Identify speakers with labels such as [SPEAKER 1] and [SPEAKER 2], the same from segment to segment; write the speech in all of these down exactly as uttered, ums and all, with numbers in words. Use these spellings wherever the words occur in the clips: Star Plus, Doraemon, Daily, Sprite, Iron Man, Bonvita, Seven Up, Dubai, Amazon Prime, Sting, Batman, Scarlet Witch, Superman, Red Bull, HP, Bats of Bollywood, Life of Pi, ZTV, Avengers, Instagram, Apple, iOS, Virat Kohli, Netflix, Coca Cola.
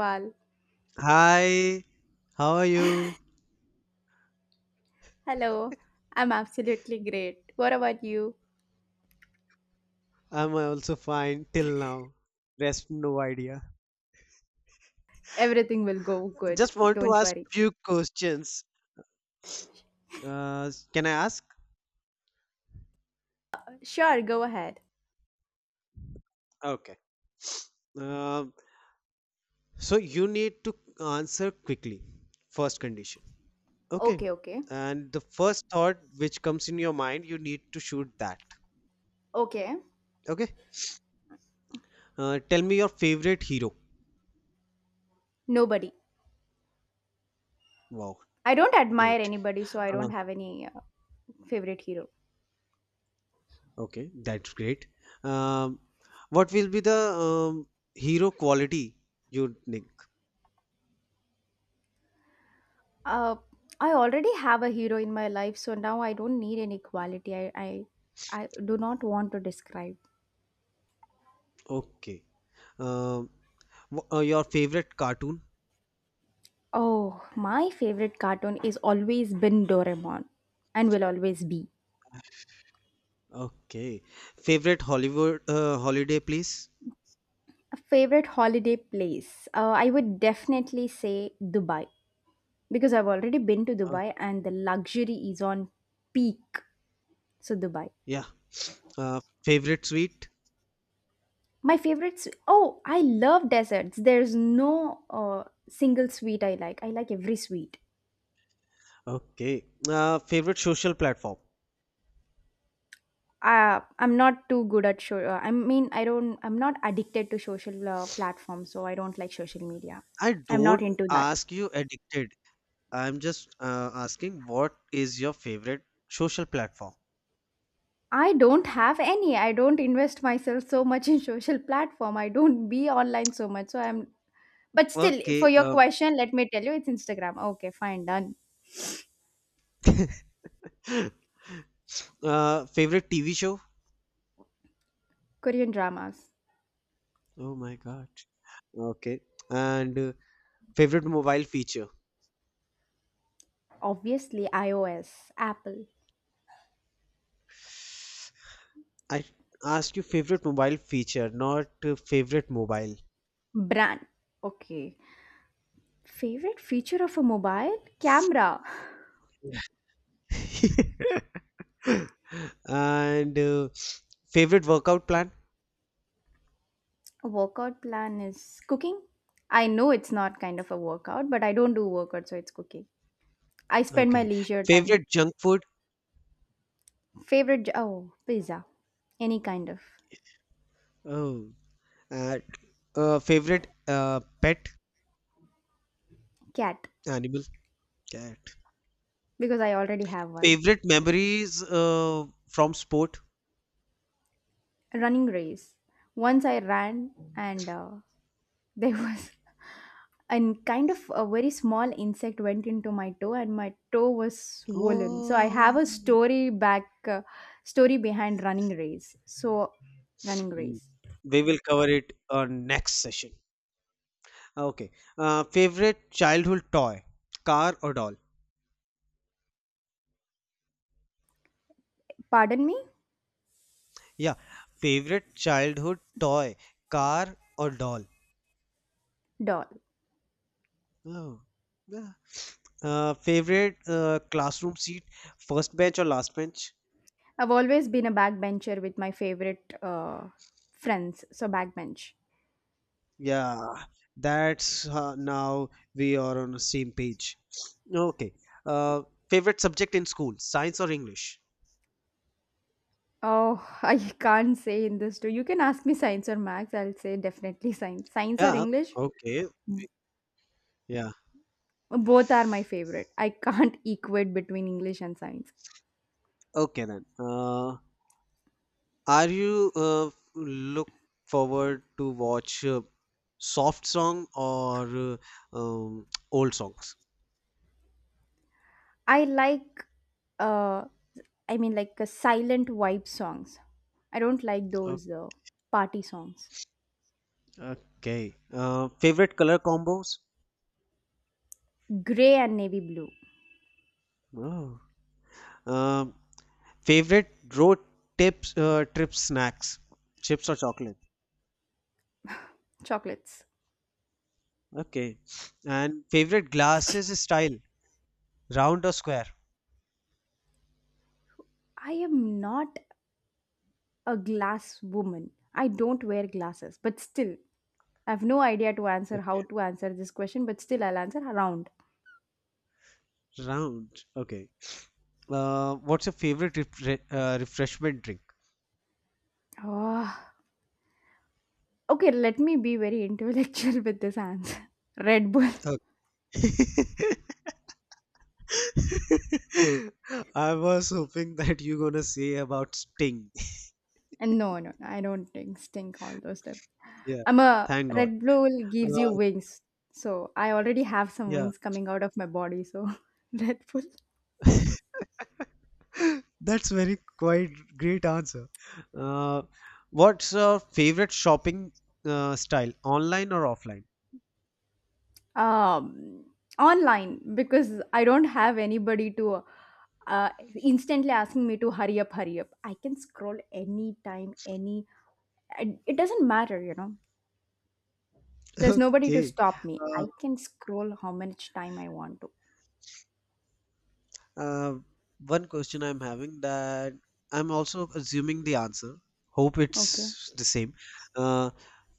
[SPEAKER 1] Pal.
[SPEAKER 2] Hi, how are you?
[SPEAKER 1] Hello. I'm absolutely great. What about you?
[SPEAKER 2] I'm also fine till now. Rest, no idea.
[SPEAKER 1] Everything will go good.
[SPEAKER 2] Just want to
[SPEAKER 1] Don't
[SPEAKER 2] ask
[SPEAKER 1] worry.
[SPEAKER 2] few questions. Uh, can I ask?
[SPEAKER 1] Sure, go ahead.
[SPEAKER 2] Okay. Um so you need to answer quickly. First condition. Okay.
[SPEAKER 1] Okay, okay.
[SPEAKER 2] And the first thought which comes in your mind, you need to shoot that.
[SPEAKER 1] Okay.
[SPEAKER 2] Okay. Uh, tell me your favorite hero.
[SPEAKER 1] Nobody.
[SPEAKER 2] Wow,
[SPEAKER 1] I don't admire
[SPEAKER 2] great.
[SPEAKER 1] anybody, so I
[SPEAKER 2] Uh,
[SPEAKER 1] don't have any uh, favorite hero.
[SPEAKER 2] okay, that's great. Um, what will be the um, hero quality you think?
[SPEAKER 1] Uh, I already have a hero in my life, so now I don't need any quality. I, I, I do not want to describe.
[SPEAKER 2] Okay. Um, wh- uh, your favorite cartoon?
[SPEAKER 1] Oh, my favorite cartoon is always been Doraemon and will always be.
[SPEAKER 2] Okay. Favorite Hollywood uh, holiday place?
[SPEAKER 1] A favorite holiday place? Uh, I would definitely say Dubai because I've already been to
[SPEAKER 2] Uh,
[SPEAKER 1] Dubai and the luxury is on peak. So, Dubai.
[SPEAKER 2] yeah. Uh, favorite sweet?
[SPEAKER 1] My favorites. Oh, I love desserts. There's no uh, single sweet I like. I like every sweet.
[SPEAKER 2] Okay. Uh, favorite social platform?
[SPEAKER 1] Uh, I'm not too good at show. Uh, I mean, I don't. I'm not addicted to social uh, platforms, so I don't like social media.
[SPEAKER 2] I
[SPEAKER 1] I'm not
[SPEAKER 2] don't
[SPEAKER 1] into that.
[SPEAKER 2] ask you addicted. I'm just uh, asking, what is your favorite social platform?
[SPEAKER 1] I don't have any. I don't invest myself so much in social platform. I don't be online so much. So I'm But still for
[SPEAKER 2] Okay.
[SPEAKER 1] your
[SPEAKER 2] Um,
[SPEAKER 1] question, let me tell you it's Instagram. Okay, fine, done.
[SPEAKER 2] uh, favorite T V show?
[SPEAKER 1] Korean dramas.
[SPEAKER 2] Oh my God. Okay. And uh, favorite mobile feature?
[SPEAKER 1] Obviously iOS, Apple,
[SPEAKER 2] I asked you favorite mobile feature, not uh, favorite mobile.
[SPEAKER 1] brand. Okay. Favorite feature of a mobile? Camera.
[SPEAKER 2] And uh, favorite workout plan?
[SPEAKER 1] Workout plan is cooking. I know it's not kind of a workout, but I don't do workout, so it's cooking. I spend my
[SPEAKER 2] Okay.
[SPEAKER 1] leisure time.
[SPEAKER 2] Favorite junk food?
[SPEAKER 1] Favorite j- oh, pizza. Any kind of
[SPEAKER 2] Oh. Uh, uh, favorite uh, pet?
[SPEAKER 1] cat
[SPEAKER 2] Animal? Cat.
[SPEAKER 1] because I already have one.
[SPEAKER 2] Favorite memories uh, from sport?
[SPEAKER 1] A running race. Once I ran, and uh, there was a kind of a very small insect went into my toe, and my toe was swollen. So I
[SPEAKER 2] Oh.
[SPEAKER 1] have a story back, uh, story behind running race. So, running
[SPEAKER 2] Mm.
[SPEAKER 1] race.
[SPEAKER 2] We will cover it on next session. Okay. Uh, favorite childhood toy? Car or doll?
[SPEAKER 1] Pardon me,
[SPEAKER 2] Yeah, favorite childhood toy, car or doll?
[SPEAKER 1] doll.
[SPEAKER 2] Oh, yeah. Uh, favorite uh, classroom seat, first bench or last bench?
[SPEAKER 1] I've always been a backbencher with my favorite uh, friends. So backbench.
[SPEAKER 2] Yeah, that's uh, now we are on the same page. Okay. Uh, favorite subject in school, science or English?
[SPEAKER 1] Oh, I can't say in this too. You can ask me science or maths. I'll say definitely science. Science or
[SPEAKER 2] Yeah,
[SPEAKER 1] English?
[SPEAKER 2] okay. Yeah.
[SPEAKER 1] Both are my favorite. I can't equate between English and science.
[SPEAKER 2] Okay then. Uh, are you uh, look forward to watch uh, soft song or uh, um, old songs?
[SPEAKER 1] I like uh I mean, like, uh, silent vibe songs. I don't like those uh, party songs.
[SPEAKER 2] Okay. Uh, favorite color combos?
[SPEAKER 1] Gray and navy blue.
[SPEAKER 2] Oh. Um, favorite road tips, uh, trip snacks? Chips or chocolate?
[SPEAKER 1] Chocolates.
[SPEAKER 2] Okay. And favorite glasses style? Round or square?
[SPEAKER 1] I am not a glass woman. I don't wear glasses, but still I have no idea to answer
[SPEAKER 2] Okay.
[SPEAKER 1] how to answer this question, but still I'll answer around.
[SPEAKER 2] Round. Okay. Uh, what's your favorite refre- uh, refreshment drink?
[SPEAKER 1] Oh, okay, let me be very intellectual with this answer. Red Bull.
[SPEAKER 2] Okay. I was hoping that you're gonna say about Sting.
[SPEAKER 1] And no, no, no, I don't think stink all those stuff.
[SPEAKER 2] Yeah.
[SPEAKER 1] I'm a
[SPEAKER 2] Thank God.
[SPEAKER 1] Red Bull gives you
[SPEAKER 2] Uh,
[SPEAKER 1] wings. So I already have some
[SPEAKER 2] yeah.
[SPEAKER 1] wings coming out of my body. So Red Bull.
[SPEAKER 2] That's very quite great answer. Uh, what's your favorite shopping uh, style, online or offline?
[SPEAKER 1] Um, online because I don't have anybody to uh, instantly asking me to hurry up, hurry up. I can scroll anytime, any. I- It doesn't matter, you know. There's nobody to
[SPEAKER 2] Okay.
[SPEAKER 1] stop me.
[SPEAKER 2] Uh,
[SPEAKER 1] I can scroll how much time I want to.
[SPEAKER 2] uh, one question I'm having that I'm also assuming the answer. Hope
[SPEAKER 1] Okay.
[SPEAKER 2] it's the same. Uh,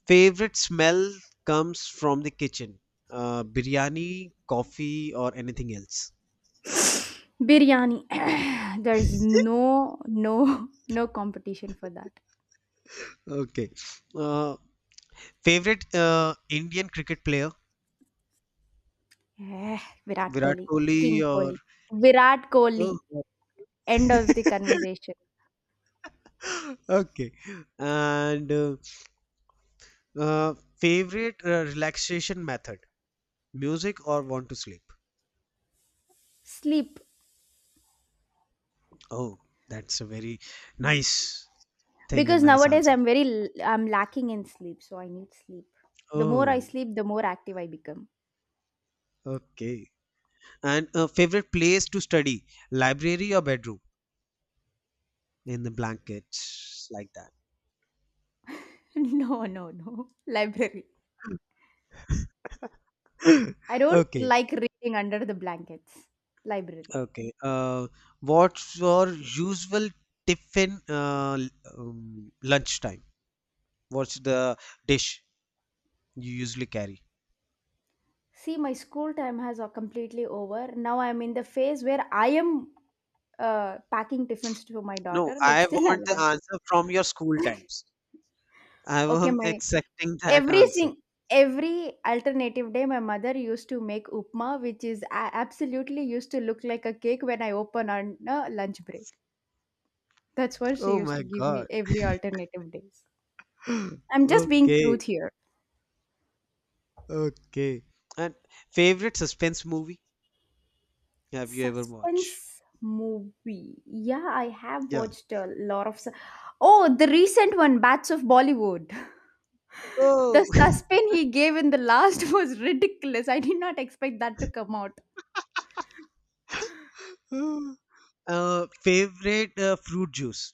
[SPEAKER 2] favorite smell comes from the kitchen. Uh, biryani, coffee, or anything else.
[SPEAKER 1] Biryani. There's no, no, no competition for that.
[SPEAKER 2] Okay. Uh, favorite uh, Indian cricket player?
[SPEAKER 1] Eh, Virat
[SPEAKER 2] Virat
[SPEAKER 1] Kohli, King
[SPEAKER 2] Kohli or
[SPEAKER 1] Kohli, Virat Kohli.
[SPEAKER 2] oh,
[SPEAKER 1] End of the conversation.
[SPEAKER 2] okay. And uh, uh, favorite uh, relaxation method, music or want to sleep?
[SPEAKER 1] Sleep,
[SPEAKER 2] Oh, that's a very nice thing and
[SPEAKER 1] because
[SPEAKER 2] nice
[SPEAKER 1] nowadays
[SPEAKER 2] answer.
[SPEAKER 1] I'm very, l- I'm lacking in sleep, so I need sleep. The more I
[SPEAKER 2] Oh,
[SPEAKER 1] sleep, the more active I become.
[SPEAKER 2] okay. And uh, favorite place to study, library or bedroom? In the blankets, like
[SPEAKER 1] No, no, no. Library.
[SPEAKER 2] that.
[SPEAKER 1] I don't
[SPEAKER 2] Okay,
[SPEAKER 1] like reading under the blankets. Library.
[SPEAKER 2] okay. Uh, what's your usual tiffin uh, l- um, lunchtime? What's the dish you usually carry?
[SPEAKER 1] See, my school time has uh, completely over. Now I'm in the phase where I am uh, packing tiffins to my
[SPEAKER 2] No,
[SPEAKER 1] daughter, but
[SPEAKER 2] I
[SPEAKER 1] still
[SPEAKER 2] want
[SPEAKER 1] I
[SPEAKER 2] the
[SPEAKER 1] am
[SPEAKER 2] answer from your school times. I
[SPEAKER 1] Okay,
[SPEAKER 2] am
[SPEAKER 1] my
[SPEAKER 2] accepting that
[SPEAKER 1] every
[SPEAKER 2] answer.
[SPEAKER 1] sing every alternative day, my mother used to make upma, which is a- absolutely used to look like a cake when I open on a lunch break. That's what she
[SPEAKER 2] Oh
[SPEAKER 1] used to
[SPEAKER 2] my
[SPEAKER 1] give me
[SPEAKER 2] God.
[SPEAKER 1] every alternative days. I'm just being
[SPEAKER 2] Okay.
[SPEAKER 1] truth here.
[SPEAKER 2] Okay. And favorite suspense movie have you ever watched?
[SPEAKER 1] Suspense movie. Yeah, I have
[SPEAKER 2] Yeah.
[SPEAKER 1] watched a lot of. su- Oh, the recent one, Bats of Bollywood. The
[SPEAKER 2] Oh,
[SPEAKER 1] suspense he gave in the last was ridiculous. I did not expect that to come out.
[SPEAKER 2] uh, favorite uh, fruit juice.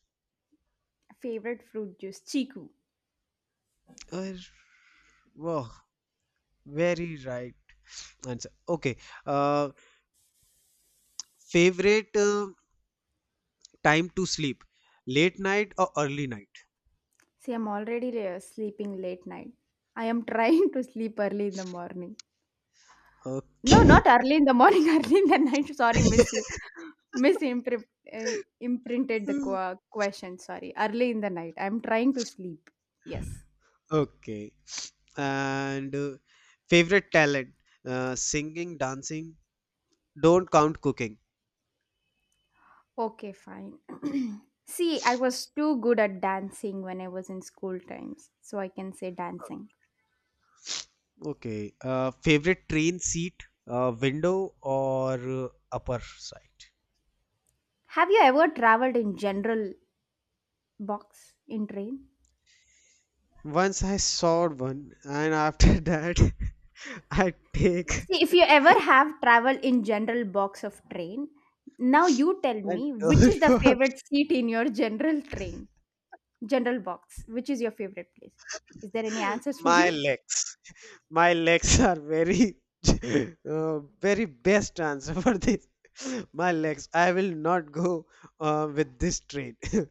[SPEAKER 1] Favorite fruit juice, Chiku.
[SPEAKER 2] Uh, wow, very right answer. Okay. Uh, favorite uh, time to sleep, late night or early night?
[SPEAKER 1] See, I'm already uh, sleeping late night. I am trying to sleep early in the morning. No,
[SPEAKER 2] Okay.
[SPEAKER 1] not early in the morning, early in the night. Sorry, miss, miss uh, imprinted the qu- question. Sorry, early in the night. I'm trying to sleep. Yes.
[SPEAKER 2] Okay. And uh, favorite talent? Uh, singing, dancing. Don't count cooking.
[SPEAKER 1] Okay, fine. See, I was too good at dancing when I was in school times, so I can say dancing.
[SPEAKER 2] Okay. Uh, favorite train seat? Uh, window or uh, upper side?
[SPEAKER 1] Have you ever traveled in general box in train?
[SPEAKER 2] Once I saw one, and after that, I take
[SPEAKER 1] See, if you ever have traveled in general box of train, now you tell
[SPEAKER 2] and
[SPEAKER 1] me which
[SPEAKER 2] don't
[SPEAKER 1] is the
[SPEAKER 2] for
[SPEAKER 1] favorite seat in your general train, general box. Which is your favorite place? Is there any answers for
[SPEAKER 2] my
[SPEAKER 1] you?
[SPEAKER 2] legs. My legs are very uh, very best answer for this my legs, I will not go uh, with this train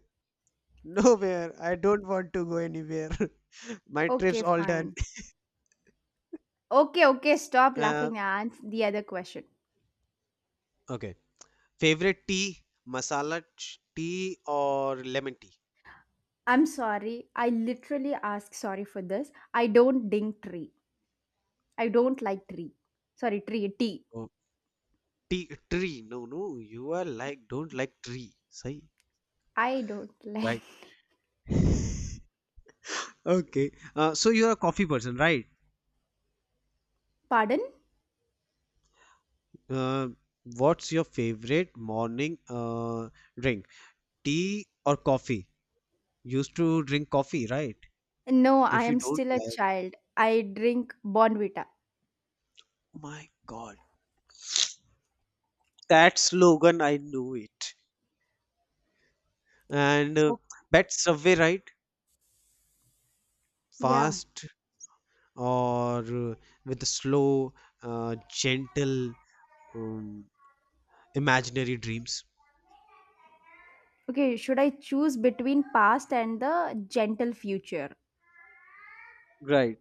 [SPEAKER 2] nowhere. I don't want to go anywhere. My trip's
[SPEAKER 1] Okay,
[SPEAKER 2] all done.
[SPEAKER 1] fine. Okay, okay, stop
[SPEAKER 2] Uh,
[SPEAKER 1] laughing and answer the other question.
[SPEAKER 2] okay, favorite tea, masala ch- tea or lemon tea?
[SPEAKER 1] I'm sorry. I literally ask sorry for this. I don't ding tree. I don't like tree. Sorry, tree, tea.
[SPEAKER 2] Oh, tea tree. No, no, you are like don't like tree, say.
[SPEAKER 1] I don't like.
[SPEAKER 2] Right. Okay. Uh, so you're a coffee person, right?
[SPEAKER 1] Pardon?
[SPEAKER 2] Uh, what's your favorite morning uh, drink? Tea or coffee? Used to drink coffee, right?
[SPEAKER 1] No, I
[SPEAKER 2] If you
[SPEAKER 1] am
[SPEAKER 2] don't
[SPEAKER 1] still a
[SPEAKER 2] like,
[SPEAKER 1] child. I drink Bonvita.
[SPEAKER 2] oh my God, that slogan, I knew it. And uh,
[SPEAKER 1] Oh,
[SPEAKER 2] bet Subway, right?
[SPEAKER 1] yeah.
[SPEAKER 2] Fast or uh, with slow, uh, gentle, um, imaginary dreams.
[SPEAKER 1] Okay, should I choose between past and the gentle future?
[SPEAKER 2] Right.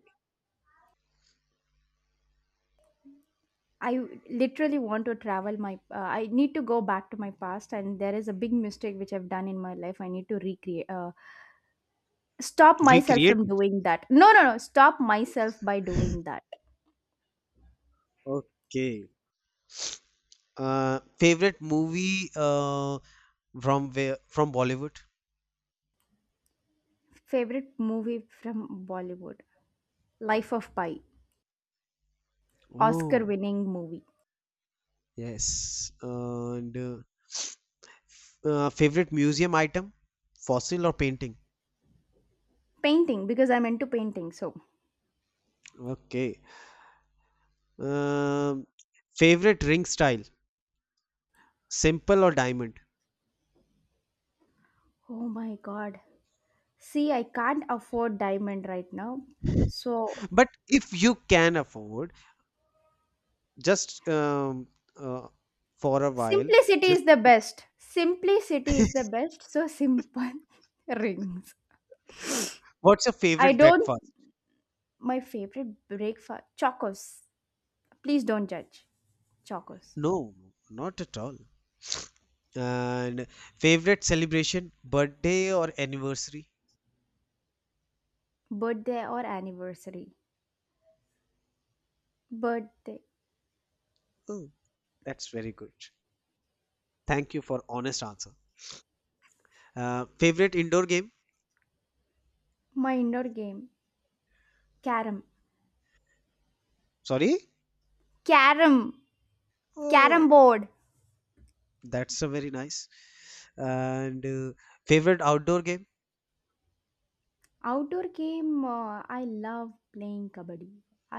[SPEAKER 1] I literally want to travel my. Uh, I need to go back to my past, and there is a big mistake which I've done in my life. I need to recreate. Uh, stop myself
[SPEAKER 2] Recreate
[SPEAKER 1] from
[SPEAKER 2] it.
[SPEAKER 1] doing that. No, no, no. Stop myself by doing that.
[SPEAKER 2] Okay. Uh, favorite movie uh, from where, from Bollywood?
[SPEAKER 1] Favorite movie from Bollywood? Life of Pi. Oscar
[SPEAKER 2] Oh.
[SPEAKER 1] winning movie.
[SPEAKER 2] Yes. And uh, uh, favorite museum item? Fossil or painting?
[SPEAKER 1] Painting because I'm into painting. So,
[SPEAKER 2] Okay. Um, favorite ring style? Simple or diamond?
[SPEAKER 1] oh my god. See, I can't afford diamond right now. So,
[SPEAKER 2] But if you can afford, just um, uh, for a while,
[SPEAKER 1] simplicity
[SPEAKER 2] just
[SPEAKER 1] is the best. Simplicity is the best. So, simple rings.
[SPEAKER 2] what's your
[SPEAKER 1] I
[SPEAKER 2] favorite
[SPEAKER 1] don't.
[SPEAKER 2] breakfast?
[SPEAKER 1] My favorite breakfast. Chocos. Please don't judge. Chocos.
[SPEAKER 2] No, not at all. And favorite celebration, birthday or anniversary?
[SPEAKER 1] Birthday or anniversary? Birthday.
[SPEAKER 2] Oh, that's very good. Thank you for honest answer. Uh, favorite indoor game?
[SPEAKER 1] My indoor game, carom.
[SPEAKER 2] Sorry?
[SPEAKER 1] Carom. Carom
[SPEAKER 2] Oh,
[SPEAKER 1] board.
[SPEAKER 2] that's a very nice. And uh, favorite outdoor game?
[SPEAKER 1] Outdoor game, uh, I love playing kabaddi.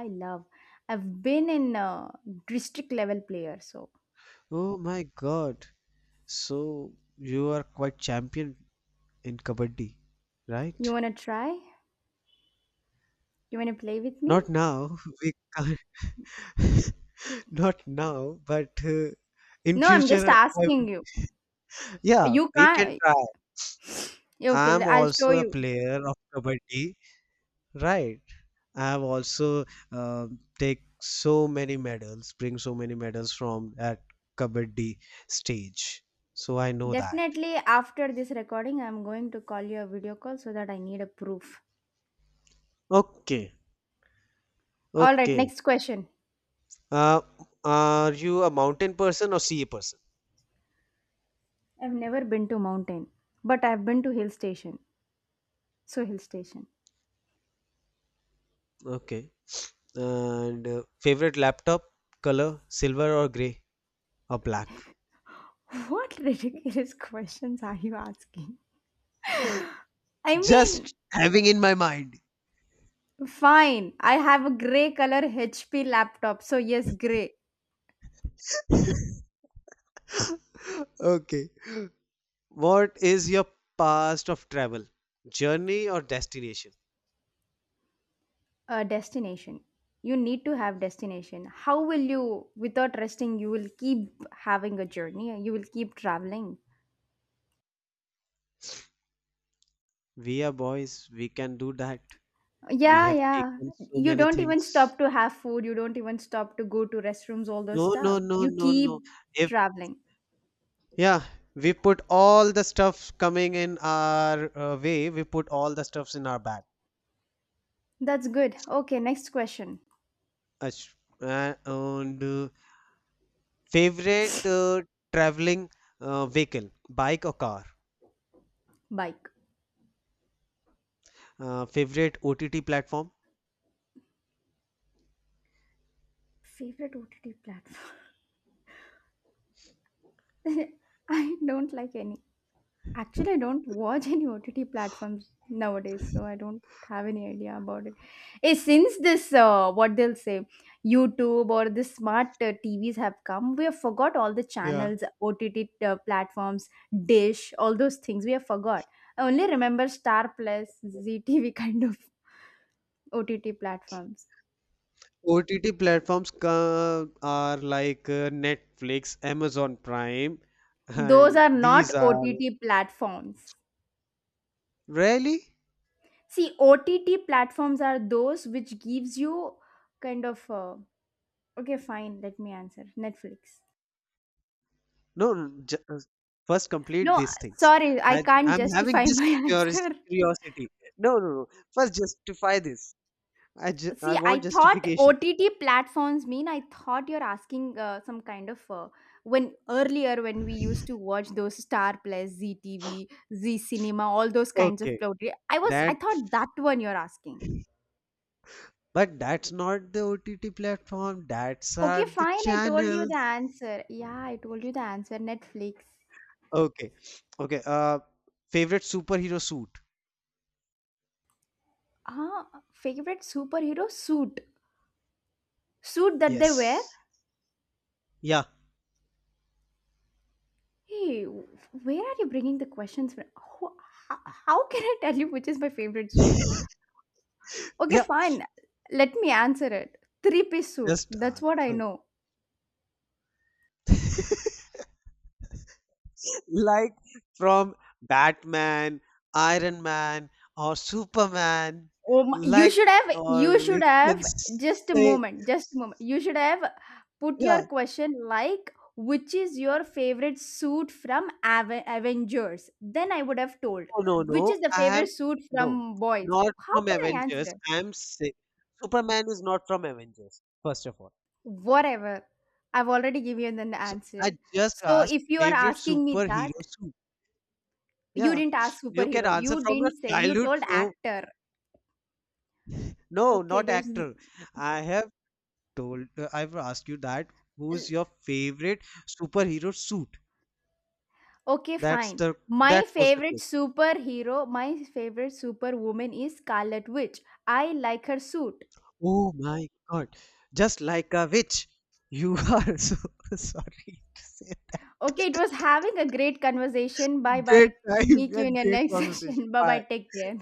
[SPEAKER 1] I love. I've been in uh, district level player, so
[SPEAKER 2] Oh my God. So you are quite champion in kabaddi,
[SPEAKER 1] you
[SPEAKER 2] right?
[SPEAKER 1] want to try? You want to play with me?
[SPEAKER 2] Not now. We can't. Not now, but uh, in
[SPEAKER 1] No, I'm just
[SPEAKER 2] future, I
[SPEAKER 1] asking
[SPEAKER 2] will-
[SPEAKER 1] you.
[SPEAKER 2] yeah,
[SPEAKER 1] You
[SPEAKER 2] we can
[SPEAKER 1] can't.
[SPEAKER 2] try.
[SPEAKER 1] Okay,
[SPEAKER 2] I'm
[SPEAKER 1] i i'll show
[SPEAKER 2] also a
[SPEAKER 1] you.
[SPEAKER 2] player of kabaddi, right? I have also uh, take so many medals, bring so many medals from at kabaddi stage. So I know that.
[SPEAKER 1] Definitely after this recording, I'm going to call you a video call so that I need a proof.
[SPEAKER 2] Okay,
[SPEAKER 1] All right,
[SPEAKER 2] okay.
[SPEAKER 1] next question.
[SPEAKER 2] Uh, are you a mountain person or sea person?
[SPEAKER 1] I've never been to mountain, but I've been to hill station. So hill station.
[SPEAKER 2] Okay. And uh, favorite laptop color, silver or gray or black?
[SPEAKER 1] What ridiculous questions are you asking? I mean,
[SPEAKER 2] Just having in my mind.
[SPEAKER 1] fine. I have a gray color H P laptop, so yes, gray.
[SPEAKER 2] Okay. What is your past of travel? Journey or destination?
[SPEAKER 1] A destination. You need to have destination. How will you, without resting, you will keep having a journey. You will keep traveling.
[SPEAKER 2] We are boys, we can do that. We
[SPEAKER 1] Yeah,
[SPEAKER 2] have
[SPEAKER 1] yeah.
[SPEAKER 2] taken so
[SPEAKER 1] You
[SPEAKER 2] many
[SPEAKER 1] don't even
[SPEAKER 2] things.
[SPEAKER 1] stop to have food. You don't even stop to go to restrooms. All those
[SPEAKER 2] No, no,
[SPEAKER 1] stuff.
[SPEAKER 2] no,
[SPEAKER 1] You
[SPEAKER 2] no, no.
[SPEAKER 1] keep
[SPEAKER 2] If
[SPEAKER 1] traveling.
[SPEAKER 2] yeah, we put all the stuff coming in our uh, way. We put all the stuffs in our bag.
[SPEAKER 1] That's good. Okay, next question.
[SPEAKER 2] Ash- uh, and uh, favorite uh, traveling uh, vehicle, bike or car.
[SPEAKER 1] Bike.
[SPEAKER 2] Uh, favorite O T T platform.
[SPEAKER 1] Favorite O T T platform? I don't like any. Actually, I don't watch any O T T platforms nowadays, so I don't have any idea about it. Eh, since this, uh, what they'll say, YouTube or the smart uh, T Vs have come, we have forgot all the
[SPEAKER 2] Yeah.
[SPEAKER 1] channels, O T T uh, platforms, Dish, all those things we have forgot. I only remember Star Plus, Z T V kind of O T T platforms.
[SPEAKER 2] O T T platforms ca- are like uh, Netflix, Amazon Prime,
[SPEAKER 1] Those
[SPEAKER 2] and
[SPEAKER 1] are
[SPEAKER 2] these
[SPEAKER 1] not
[SPEAKER 2] are
[SPEAKER 1] O T T platforms.
[SPEAKER 2] really
[SPEAKER 1] See, O T T platforms are those which gives you kind of uh, okay, fine, let me answer. Netflix.
[SPEAKER 2] No, no, ju- uh, first complete
[SPEAKER 1] No,
[SPEAKER 2] these things.
[SPEAKER 1] sorry, I
[SPEAKER 2] I,
[SPEAKER 1] can't
[SPEAKER 2] I'm having
[SPEAKER 1] justify
[SPEAKER 2] this
[SPEAKER 1] my
[SPEAKER 2] curios-
[SPEAKER 1] answer.
[SPEAKER 2] curiosity. No, no, no. First justify this. I, ju- I
[SPEAKER 1] See,
[SPEAKER 2] want
[SPEAKER 1] I thought
[SPEAKER 2] justification.
[SPEAKER 1] O T T platforms mean I thought you're asking uh, some kind of uh, when earlier when we used to watch those Star Plus, Z T V, Cinema, all those kinds of
[SPEAKER 2] Okay.
[SPEAKER 1] plot. I was I
[SPEAKER 2] That,
[SPEAKER 1] thought that one you're asking.
[SPEAKER 2] but that's not the O T T platform. That's are
[SPEAKER 1] Okay,
[SPEAKER 2] the
[SPEAKER 1] fine. I told you the
[SPEAKER 2] channels.
[SPEAKER 1] answer. Yeah, I told you the answer. Netflix.
[SPEAKER 2] Okay. Okay. Uh, favorite superhero suit.
[SPEAKER 1] Ah, Favorite superhero suit. Suit that they wear.
[SPEAKER 2] Yes. Yeah.
[SPEAKER 1] Hey, where are you bringing the questions from? How, how how can I tell you which is my favorite suit? Okay,
[SPEAKER 2] Yeah.
[SPEAKER 1] fine. Let me answer it. Three piece suit.
[SPEAKER 2] Just
[SPEAKER 1] That's what I
[SPEAKER 2] answer,
[SPEAKER 1] know.
[SPEAKER 2] like, from Batman, Iron Man, or Superman,
[SPEAKER 1] Oh my, you
[SPEAKER 2] like,
[SPEAKER 1] should have
[SPEAKER 2] or
[SPEAKER 1] you
[SPEAKER 2] we
[SPEAKER 1] should
[SPEAKER 2] can
[SPEAKER 1] have just a
[SPEAKER 2] say,
[SPEAKER 1] moment, just a moment. You should have put
[SPEAKER 2] yeah,
[SPEAKER 1] your question like which is your favorite suit from Ave- Avengers? Then I would have told
[SPEAKER 2] no, no,
[SPEAKER 1] which
[SPEAKER 2] no,
[SPEAKER 1] is the
[SPEAKER 2] I am,
[SPEAKER 1] favorite suit
[SPEAKER 2] no,
[SPEAKER 1] from boys.
[SPEAKER 2] not
[SPEAKER 1] How
[SPEAKER 2] from
[SPEAKER 1] can I
[SPEAKER 2] Avengers.
[SPEAKER 1] answer?
[SPEAKER 2] I am saying Superman is not from Avengers, first of all.
[SPEAKER 1] Whatever. I've already given an
[SPEAKER 2] So I
[SPEAKER 1] answer.
[SPEAKER 2] just
[SPEAKER 1] So
[SPEAKER 2] asked
[SPEAKER 1] if you are
[SPEAKER 2] favorite
[SPEAKER 1] asking me that,
[SPEAKER 2] superhero suit.
[SPEAKER 1] you
[SPEAKER 2] Yeah,
[SPEAKER 1] didn't ask
[SPEAKER 2] you can
[SPEAKER 1] superhero.
[SPEAKER 2] answer
[SPEAKER 1] You
[SPEAKER 2] from your
[SPEAKER 1] didn't say you
[SPEAKER 2] childhood.
[SPEAKER 1] told
[SPEAKER 2] So,
[SPEAKER 1] actor.
[SPEAKER 2] no,
[SPEAKER 1] Okay,
[SPEAKER 2] not
[SPEAKER 1] there's
[SPEAKER 2] actor. I have told uh, I've asked you that, who's
[SPEAKER 1] n-
[SPEAKER 2] your favorite superhero suit?
[SPEAKER 1] Okay,
[SPEAKER 2] That's
[SPEAKER 1] fine.
[SPEAKER 2] the that
[SPEAKER 1] My
[SPEAKER 2] was the
[SPEAKER 1] favorite
[SPEAKER 2] question.
[SPEAKER 1] superhero, my favorite superwoman is Scarlet Witch. I like her suit.
[SPEAKER 2] Oh my god. Just like a witch. You are so sorry to say.
[SPEAKER 1] Okay, it was having a great conversation. Bye
[SPEAKER 2] Great
[SPEAKER 1] bye.
[SPEAKER 2] time
[SPEAKER 1] Meet you in
[SPEAKER 2] and
[SPEAKER 1] your
[SPEAKER 2] great
[SPEAKER 1] next
[SPEAKER 2] conversation.
[SPEAKER 1] session. Bye
[SPEAKER 2] Bye.
[SPEAKER 1] bye. Take care.